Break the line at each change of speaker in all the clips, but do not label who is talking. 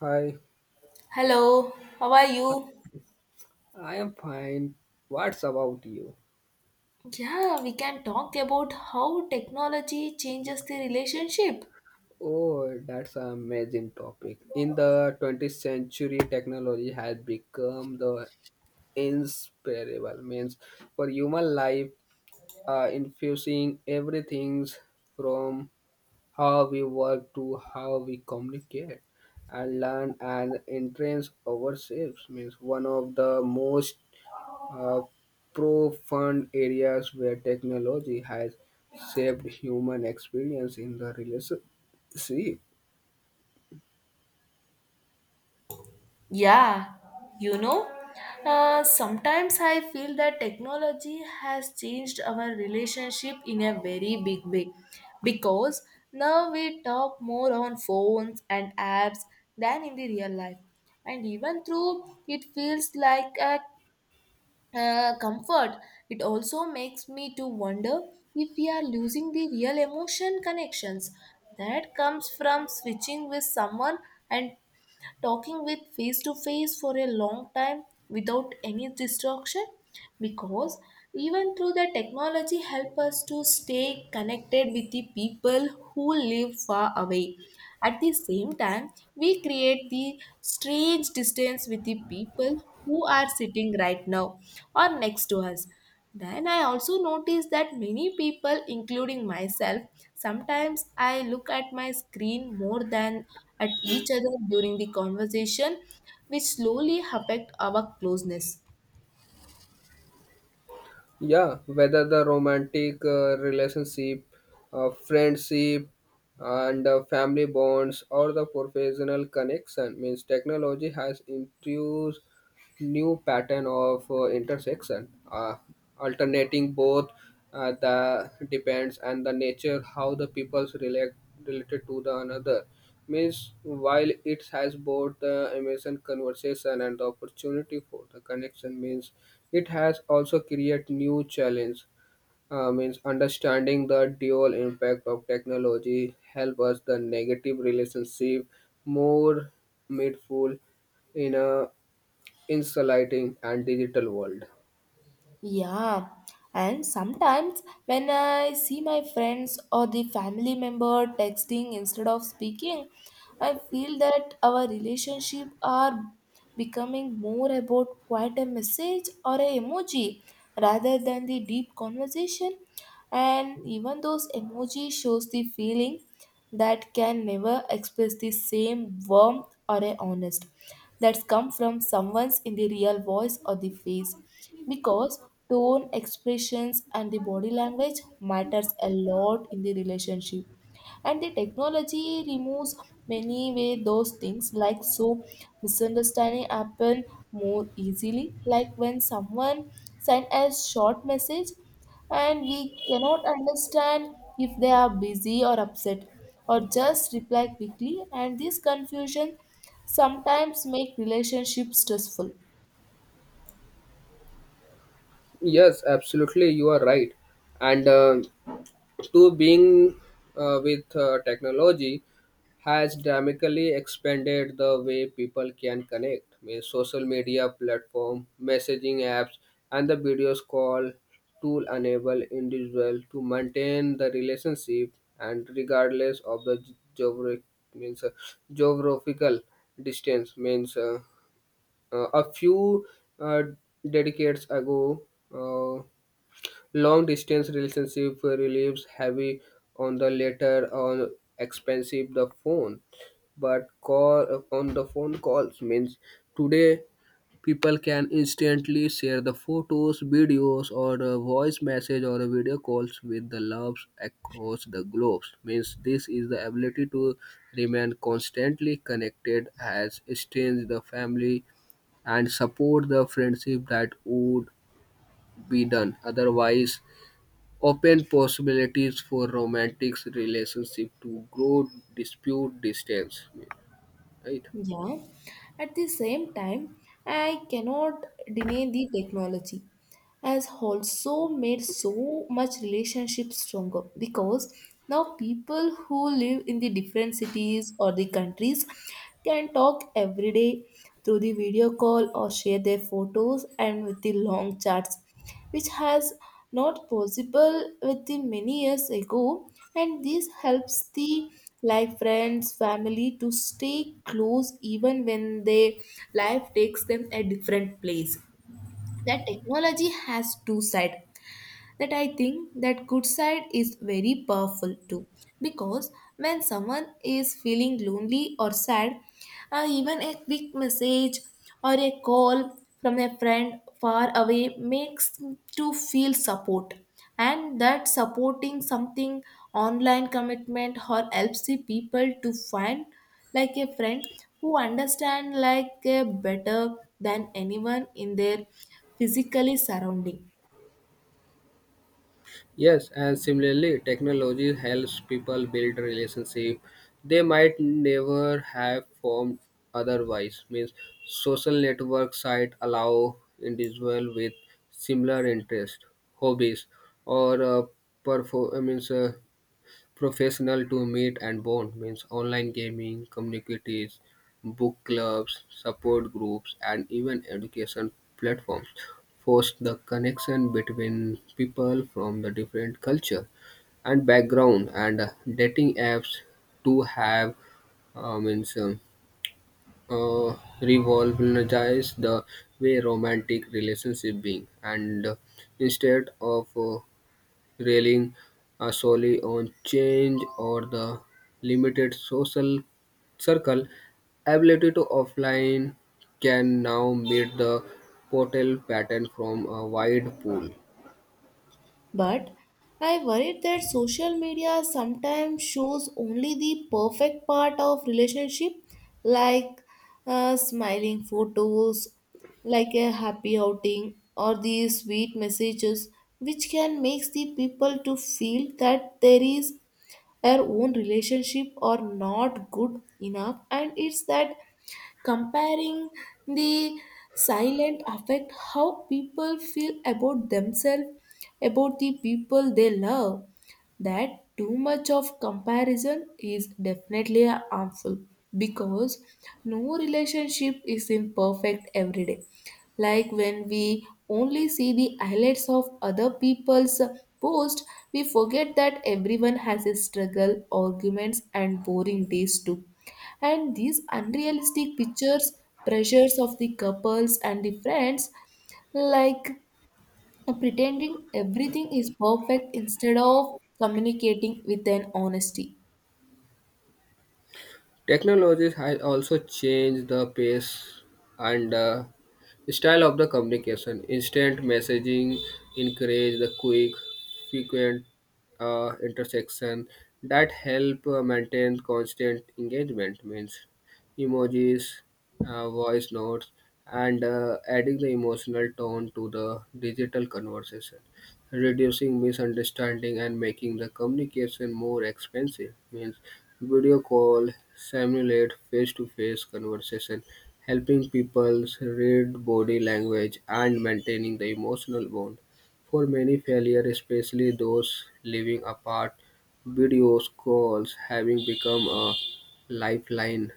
Hi,
Hello, how are you?
I am fine. What's about you?
Yeah, we can talk about how technology changes the relationship.
Oh, that's an amazing topic. In the 20th century, technology has become the inseparable means for human life, infusing everything from how we work to how we communicate and learn and entrance ourselves means one of the most uh, profound areas where technology has shaped human experience in the relationship.
Yeah, you know, sometimes I feel that technology has changed our relationship in a very big way because now we talk more on phones and apps than in the real life, and even though it feels like a comfort, it also makes me to wonder if we are losing the real emotion connections that comes from switching with someone and talking with face to face for a long time without any distraction. Because even through the technology help us to stay connected with the people who live far away, at the same time we create the strange distance with the people who are sitting right now or next to us. Then I also notice that many people, including myself, sometimes I look at my screen more than at each other during the conversation, which slowly affect our closeness.
Yeah, whether the romantic relationship, friendship, and family bonds, or the professional connection, means technology has introduced new pattern of intersection, alternating both the depends and the nature how the peoples related to the another. Means, while it has both the amazing conversation and the opportunity for the connection, means it has also create new challenge. Means understanding the dual impact of technology help us the negative relationship more mindful in a insulating and digital world.
Yeah, and sometimes when I see my friends or the family member texting instead of speaking, I feel that our relationship are becoming more about quite a message or a emoji rather than the deep conversation. And even those emoji shows the feeling, that can never express the same warmth or a honest that's come from someone's in the real voice or the face. Because tone expressions and the body language matters a lot in the relationship, and the technology removes many way those things like so misunderstanding happen more easily, like when someone send a short message and we cannot understand if they are busy or upset or just reply quickly, and this confusion sometimes make relationships stressful.
Yes, absolutely, you are right, and. To being with technology has dramatically expanded the way people can connect. Means social media platform, messaging apps, and the videos call tool enable individual to maintain the relationship and regardless of the geographic means, geographical distance means a few uh, decades ago, uh, long-distance relationship relieves heavy on the latter on expensive the phone, but call on the phone calls means today people can instantly share the photos, videos, or a voice message or a video calls with the loves across the globe. Means this is the ability to remain constantly connected has strengthened the family and support the friendship that would be done otherwise, open possibilities for romantic relationship to grow, dispute, distance, right?
Yeah, at the same time I cannot deny the technology has also made so much relationship stronger because now people who live in the different cities or the countries can talk every day through the video call or share their photos and with the long chats, which has not possible with the many years ago. And this helps the like friends family to stay close even when their life takes them a different place. That technology has two sides, that I think that good side is very powerful too because when someone is feeling lonely or sad, even a quick message or a call from a friend far away makes to feel support. And that supporting something online commitment or helps the people to find like a friend who understand like a better than anyone in their physically surrounding.
Yes, and similarly, technology helps people build relationship they might never have formed otherwise. Means social network site allow individual with similar interest, hobbies, or perform. I mean, uh, professional to meet and bond means online gaming communities, book clubs, support groups, and even education platforms force the connection between people from the different culture and background. And dating apps to have means uh, revolutionize the way romantic relationship being and, instead of relying solely on change or the limited social circle, ability to offline can now meet the portal pattern from a wide pool.
But I worried that social media sometimes shows only the perfect part of relationship, like smiling photos, like a happy outing, or the sweet messages, which can make the people to feel that there is their own relationship or not good enough, and it's that comparing the silent affect how people feel about themselves about the people they love. That too much of comparison is definitely harmful because no relationship is imperfect every day, like when we only see the highlights of other people's post, we forget that everyone has a struggle arguments and boring days too, and these unrealistic pictures pressures of the couples and the friends, like pretending everything is perfect instead of communicating with an honesty.
Technologies has also changed the pace and style of the communication. Instant messaging encourage the quick, frequent intersection that help maintain constant engagement. Means emojis, voice notes, and adding the emotional tone to the digital conversation, reducing misunderstanding and making the communication more expensive. Means video call simulate face-to-face conversation, helping people read body language and maintaining the emotional bond. For many failure, especially those living apart, video calls having become a lifeline.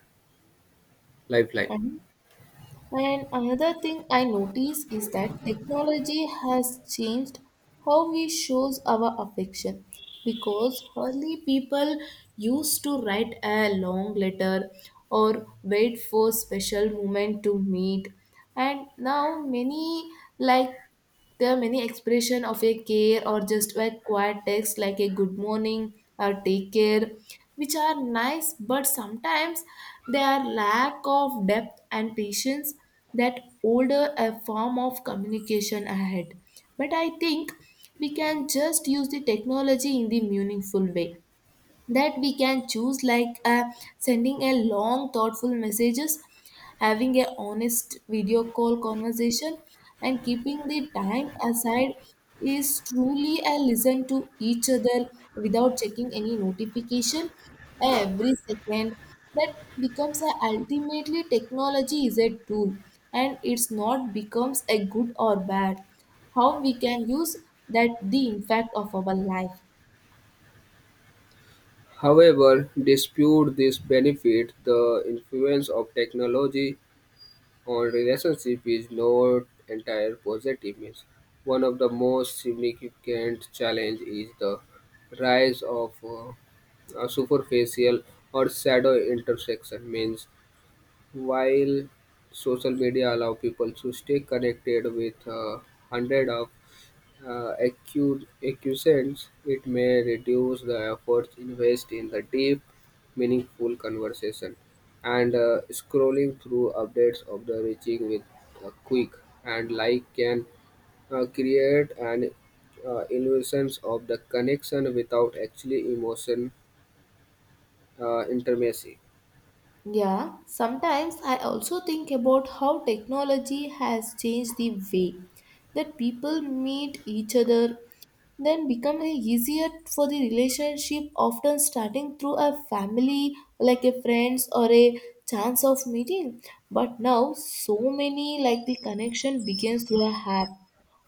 lifeline.
Mhm. And another thing I notice is that technology has changed how we shows our affection because early people used to write a long letter or wait for special moment to meet. And now many like there are many expression of a care or just a quiet text like a good morning or take care, which are nice, but sometimes they are lack of depth and patience that older a form of communication ahead. But I think we can just use the technology in the meaningful way that we can choose like sending a long thoughtful messages, having a honest video call conversation, and keeping the time aside is truly a listen to each other without checking any notification every second. That becomes a ultimately technology is a tool, and it's not becomes a good or bad how we can use that the impact of our life.
However, dispute this benefit, the influence of technology on relationship is not entire positive means. One of the most significant challenge is the rise of a superficial or shadow intersection means while social media allow people to stay connected with hundred of acquiescence, it may reduce the efforts invested in the deep, meaningful conversation and scrolling through updates of the reaching with a quick and like can create an illusion of the connection without actually emotion intimacy.
Yeah, sometimes I also think about how technology has changed the way that people meet each other, then become a easier for the relationship, often starting through a family, like a friends or a chance of meeting. But now so many like the connection begins through a app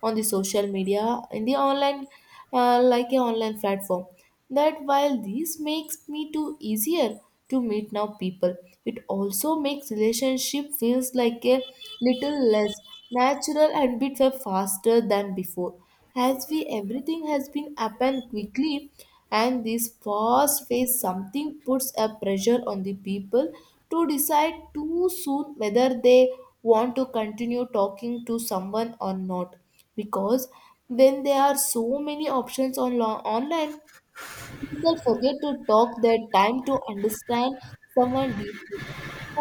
on the social media in the online, like a online platform. That while this makes me too easier to meet now people, it also makes relationship feels like a little less natural and bit faster than before, as we everything has been happened quickly. And this fast phase something puts a pressure on the people to decide too soon whether they want to continue talking to someone or not, because when there are so many options on online, people forget to talk their time to understand someone deeply,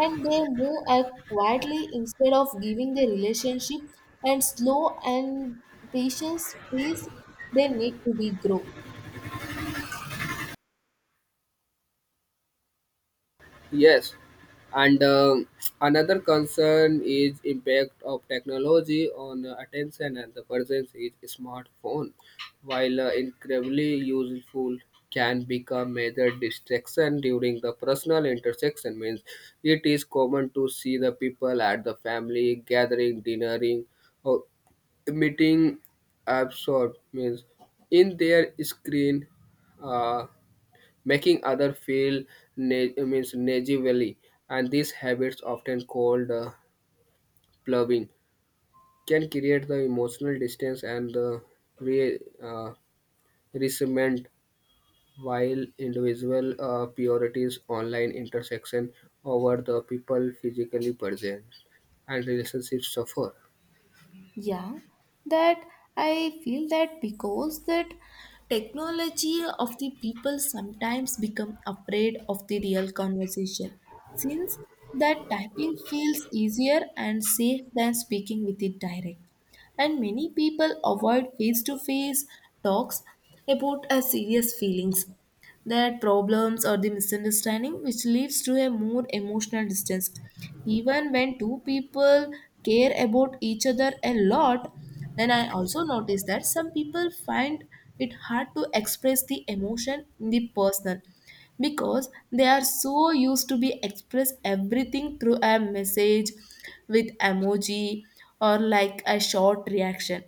and they move act quietly instead of giving the relationship and slow and patient space they need to be grow.
Yes, and another concern is impact of technology on attention and the presence is smartphone. While incredibly useful, can become major distraction during the personal intersection. Means it is common to see the people at the family gathering, dinnering, or meeting absorbed means in their screen. Uh, Making other feel means negatively, and these habits often called plugging can create the emotional distance and the re- uh, resentment while individual purities online intersection over the people physically present and relationships suffer.
Yeah, that I feel that because that technology of the people sometimes become afraid of the real conversation, since that typing feels easier and safe than speaking with it direct, and many people avoid face to face talks about a serious feelings, their problems or the misunderstanding, which leads to a more emotional distance. Even when two people care about each other a lot, then I also notice that some people find it hard to express the emotion in the person because they are so used to be express everything through a message with emoji or like a short reaction.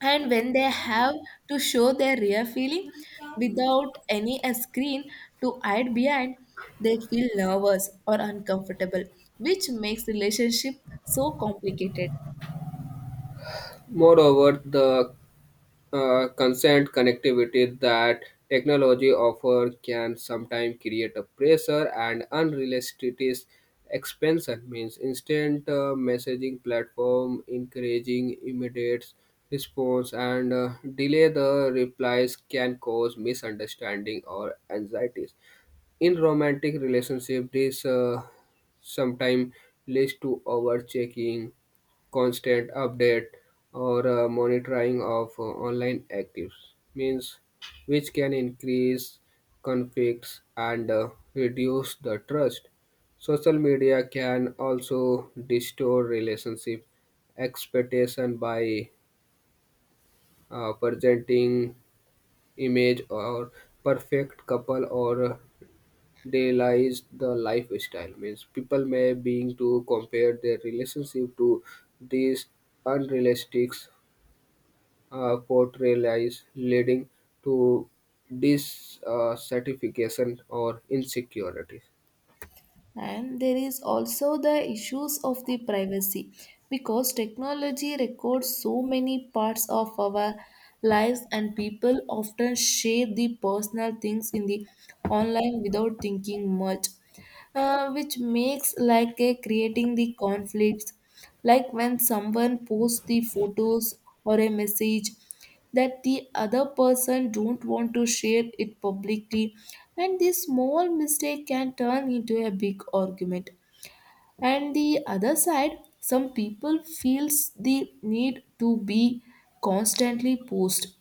And when they have to show their real feeling without any a screen to hide behind, they feel nervous or uncomfortable, which makes relationship so complicated.
Moreover, the consent connectivity that technology offer can sometimes create a pressure and unrealistic expansion means instant messaging platform encouraging immediate response and delay the replies can cause misunderstanding or anxieties in romantic relationship. This sometimes leads to overchecking, constant update, or monitoring of online actives. Means which can increase conflicts and reduce the trust. Social media can also distort relationship expectation by presenting image or perfect couple or they the lifestyle means people may being to compare their relationship to these unrealistic portrayals leading to dissatisfaction or insecurity.
And there is also the issues of the privacy, because technology records so many parts of our lives and people often share the personal things in the online without thinking much, which makes like a creating the conflicts like when someone posts the photos or a message that the other person don't want to share it publicly, and this small mistake can turn into a big argument. And the other side, some people feels the need to be constantly post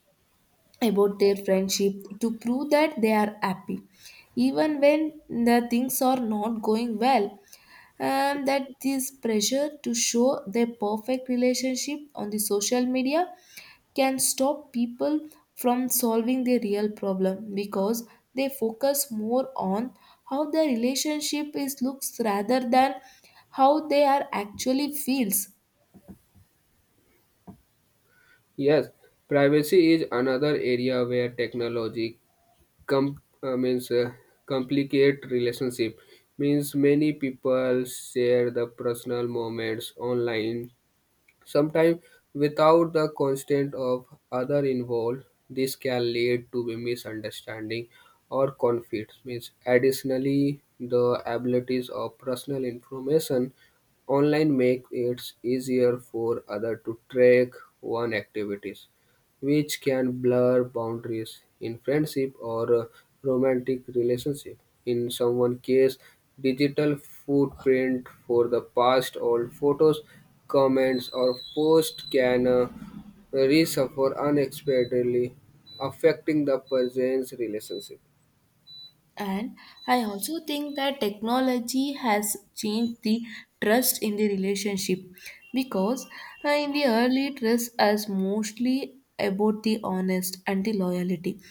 about their friendship to prove that they are happy even when the things are not going well. And that this pressure to show their perfect relationship on the social media can stop people from solving their real problem, because they focus more on how their relationship is looks rather than how they are actually feels.
Yes, privacy is another area where technology com- means complicate relationship means many people share the personal moments online. Sometimes, without the consent of other involved, this can lead to a misunderstanding or conflict. Means additionally, the abilities of personal information online make it easier for other to track one activities, which can blur boundaries in friendship or romantic relationship. In someone case, digital footprint for the past old photos, comments, or posts can resuffer unexpectedly, affecting the person's relationship.
And I also think that technology has changed the trust in the relationship, because in the early trust was mostly about the honest and the loyalty.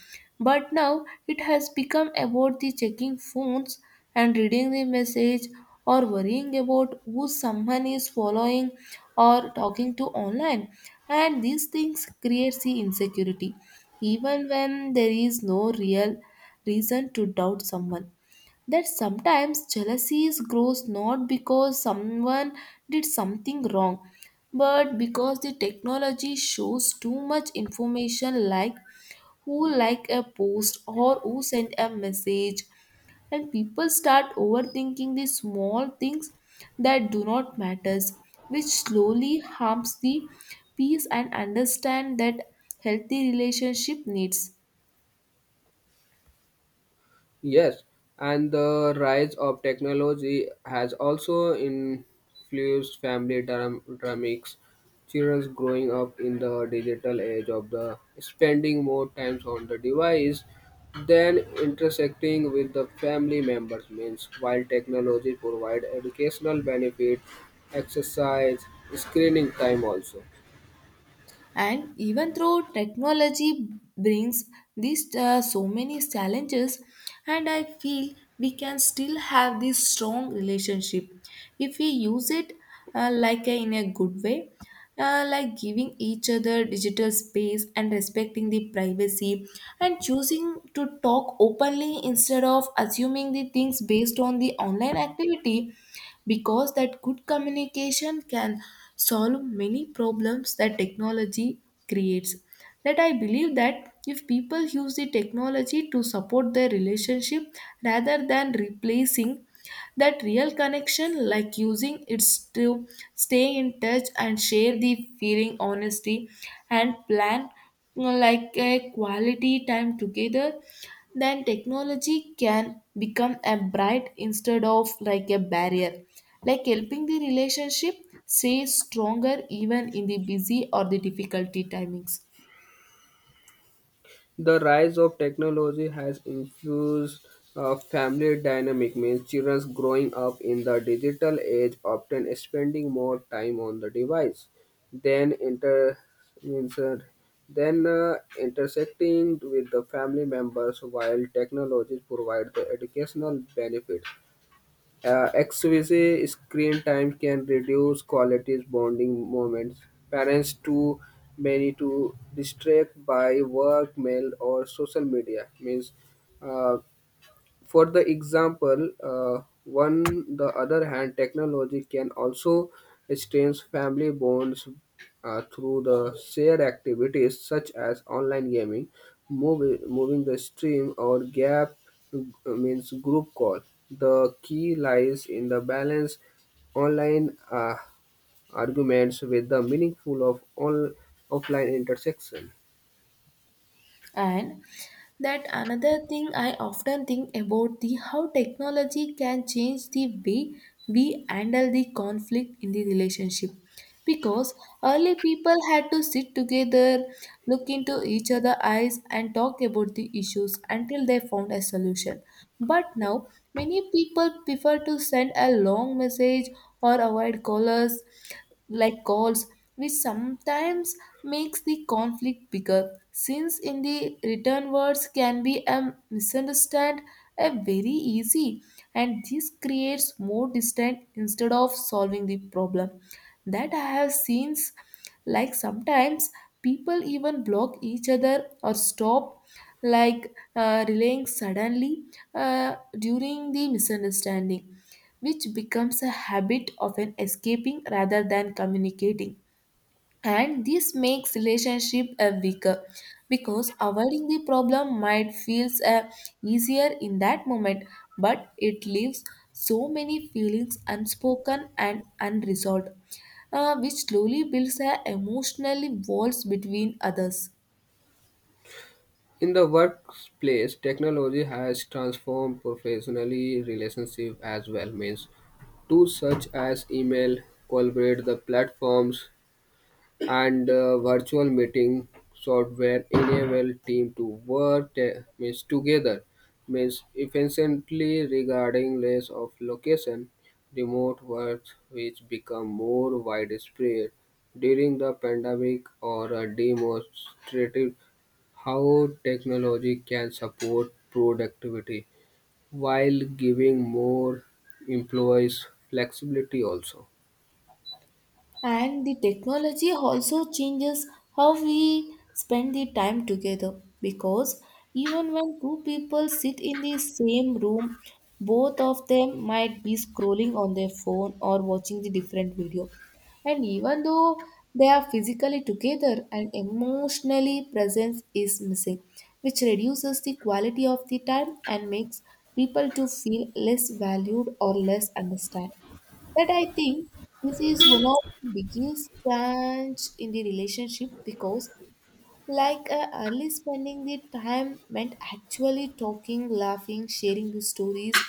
But now it has become about the checking phones and reading the message or worrying about who someone is following or talking to online. And these things creates the insecurity even when there is no real reason to doubt someone. That sometimes jealousy grows not because someone did something wrong, but because the technology shows too much information like who liked a post or who sent a message, and people start overthinking the small things that do not matters, which slowly harms the peace and understand that healthy relationship needs.
Yes, and the rise of technology has also influenced family dynamics. Children growing up in the digital age of the spending more time on the device than intersecting with the family members means while technology provide educational benefit, exercise, screening time also.
And even though technology brings these so many challenges, and I feel we can still have this strong relationship if we use it in a good way, like giving each other digital space and respecting the privacy and choosing to talk openly instead of assuming the things based on the online activity, because that good communication can solve many problems that technology creates. That I believe that if people use the technology to support their relationship rather than replacing that real connection, like using it's to stay in touch and share the feeling honesty and plan, like a quality time together, then technology can become a bright instead of like a barrier, like helping the relationship stay stronger even in the busy or the difficulty timings.
The rise of technology has infused family dynamic means children growing up in the digital age often spending more time on the device than inter means than intersecting with the family members while technologies provide the educational benefit. Excessive screen time can reduce quality bonding moments. Parents too many to distract by work, mail, or social media means. Uh, for the example, one the other hand, technology can also strain family bonds through the shared activities such as online gaming, movie, moving the stream or gap, means group call. The key lies in the balance online arguments with the meaningful of all offline intersection.
And that another thing I often think about the how technology can change the way we handle the conflict in the relationship because early people had to sit together look into each other eyes and talk about the issues until they found a solution. But now many people prefer to send a long message or avoid callers like calls, which sometimes makes the conflict bigger since in the written words can be a misunderstand a very easy, and this creates more distance instead of solving the problem. That I have seen, like sometimes people even block each other or stop, like relaying suddenly, uh, during the misunderstanding, which becomes a habit of an escaping rather than communicating. And this makes relationship a weaker because avoiding the problem might feels easier in that moment, but it leaves so many feelings unspoken and unresolved, which slowly builds a emotional walls between others.
In the workplace, technology has transformed professionally relationships as well. Means tools such as email, collaborate the platforms, and virtual meeting software enable team to work te- means together means efficiently regarding less of location. Remote work, which become more widespread during the pandemic or a demonstrative how technology can support productivity while giving more employees flexibility also.
And the technology also changes how we spend the time together, because even when two people sit in the same room, both of them might be scrolling on their phone or watching the different video. And even though they are physically together and emotionally presence is missing, which reduces the quality of the time and makes people to feel less valued or less understand. But I think this is one of the biggest change in the relationship because like early spending the time meant actually talking, laughing, sharing the stories,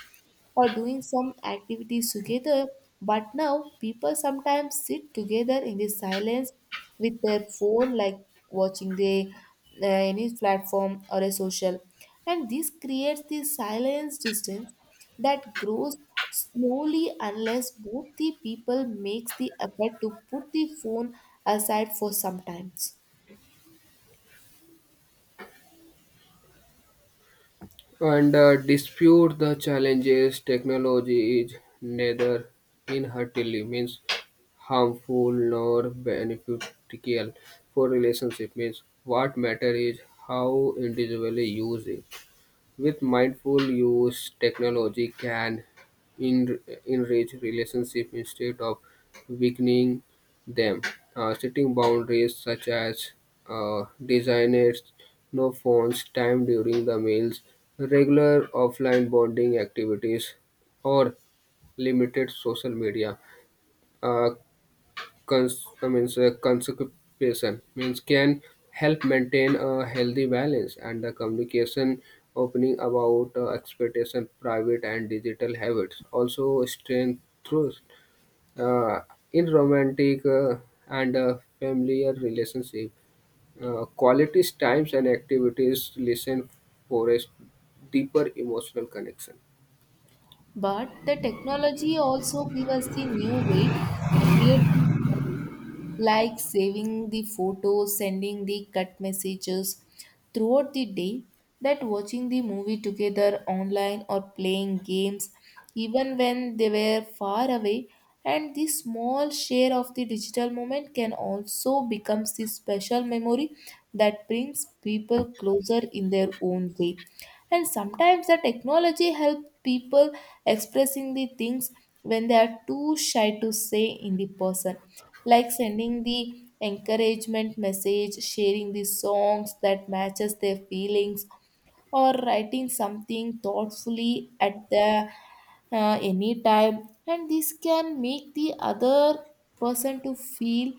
or doing some activities together. But now people sometimes sit together in the silence with their phone, like watching the any platform or a social, and this creates the silence distance that grows slowly unless both the people makes the effort to put the phone aside for some times.
And, dispute the challenges, technology is neither inherently means harmful nor beneficial for relationship means what matter is how individually use it. With mindful use, technology can en- enrich relationships instead of weakening them. Setting boundaries such as designers, no phones, time during the meals, regular offline bonding activities, or limited social media uh, cons- I means conservation means can help maintain a healthy balance and the communication opening about expectation private and digital habits also strength through uh, in romantic and familiar relationship. Qualities times and activities listen for a deeper emotional connection.
But the technology also gives us the new way to create the memory, like saving the photos, sending the cut messages throughout the day, that watching the movie together online or playing games, even when they were far away. And the small share of the digital moment can also become the special memory that brings people closer in their own way. And sometimes the technology helps people expressing the things when they are too shy to say in the person, like sending the encouragement message sharing the songs that matches their feelings or writing something thoughtfully at the any time, and this can make the other person to feel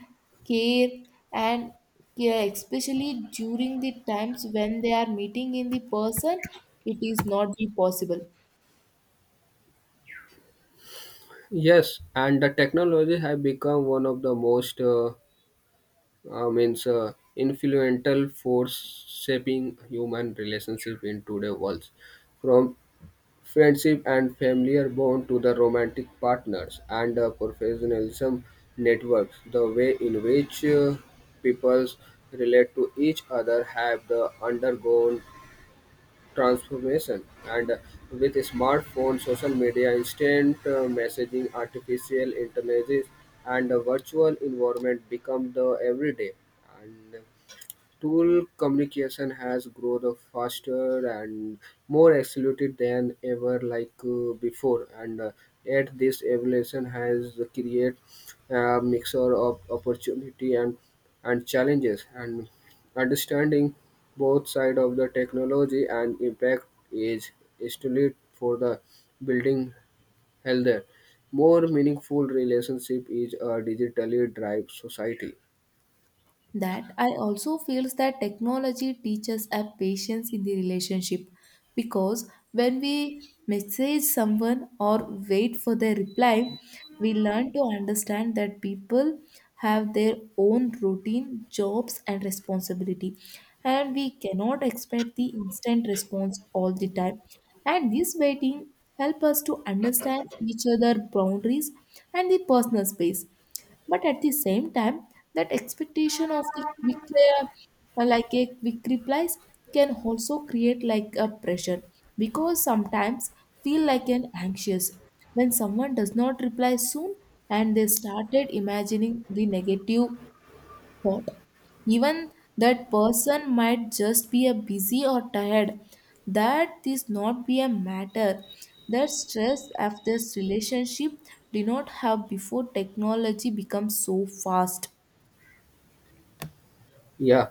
care and care especially during the times when they are meeting in the person it is not be possible.
Yes, and the technology have become one of the most means influential force shaping human relationship in today's world, from friendship and familiar bond to the romantic partners and professionalism networks. The way in which peoples relate to each other have the undergone transformation. And, with smartphones, social media, instant messaging, artificial intelligence, and a virtual environment become the everyday and tool, communication has grown faster and more accelerated than ever, like before. And, yet, this evolution has created a mixture of opportunity and challenges. And understanding both sides of the technology and impact is essential for the building healthier, more meaningful relationship is a digitally driven society.
That I also feels that technology teaches a patience in the relationship, because when we message someone or wait for their reply we learn to understand that people have their own routine jobs and responsibility, and we cannot expect the instant response all the time. And this waiting help us to understand each other boundaries and the personal space. But at the same time that expectation of the quick, like a quick replies, can also create like a pressure because sometimes feel like an anxious when someone does not reply soon, and they started imagining the negative thought. Even that person might just be a busy or tired. That is not be a matter. That stress of this relationship did not have before technology becomes so fast.
Yeah,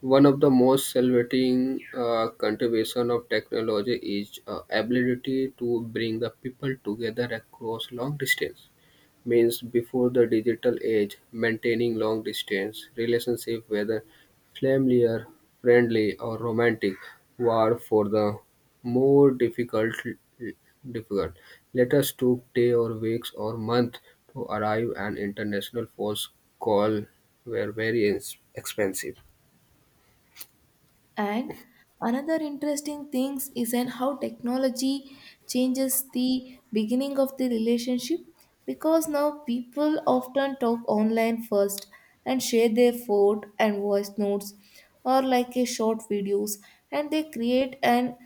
one of the most celebrating contribution of technology is ability to bring the people together across long distance. Means before the digital age, maintaining long distance relationship, whether familiar, friendly, or romantic, were for the more difficult. Letters took day or weeks or month to arrive, and international phone call were very expensive.
And another interesting thing is in how technology changes the beginning of the relationship, because now people often talk online first and share their photo and voice notes or like a short videos, and they create an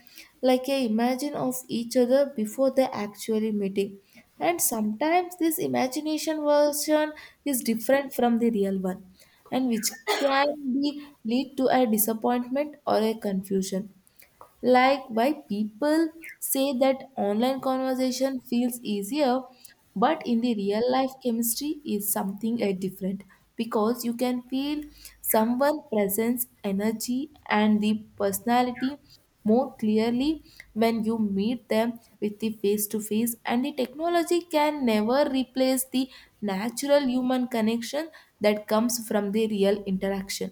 like a imagine of each other before they actually meeting. And sometimes this imagination version is different from the real one, and which can be lead to a disappointment or a confusion, like why people say that online conversation feels easier but in the real life chemistry is something different, because you can feel someone presence energy and the personality more clearly when you meet them with the face to face, and the technology can never replace the natural human connection that comes from the real interaction.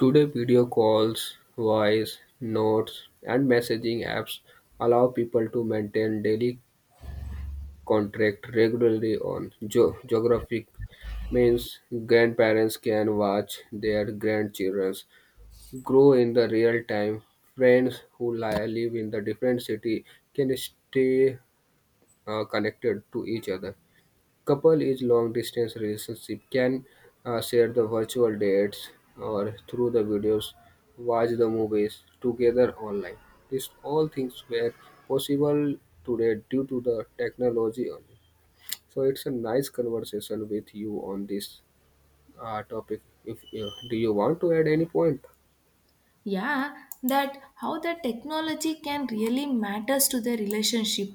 Today, video calls, voice notes, and messaging apps allow people to maintain daily contact regularly on geographic means grandparents can watch their grandchildren grow in the real time. Friends who live in the different city can stay connected to each other. Couple is long distance relationship can share the virtual dates or through the videos, watch the movies together online. These all things were possible today due to the technology only. So it's a nice conversation with you on this topic. If you, do you want to add any point?
Yeah, that how the technology can really matters to the relationship,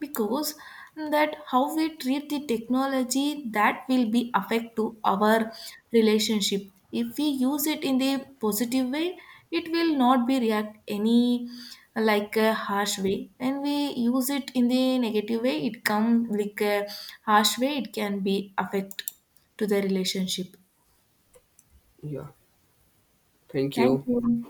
because that how we treat the technology that will be affect to our relationship. If we use it in the positive way it will not be react any like a harsh way, and we use it in the negative way it come like a harsh way it can be affect to the relationship.
Yeah. Thank
Thank
you.
you.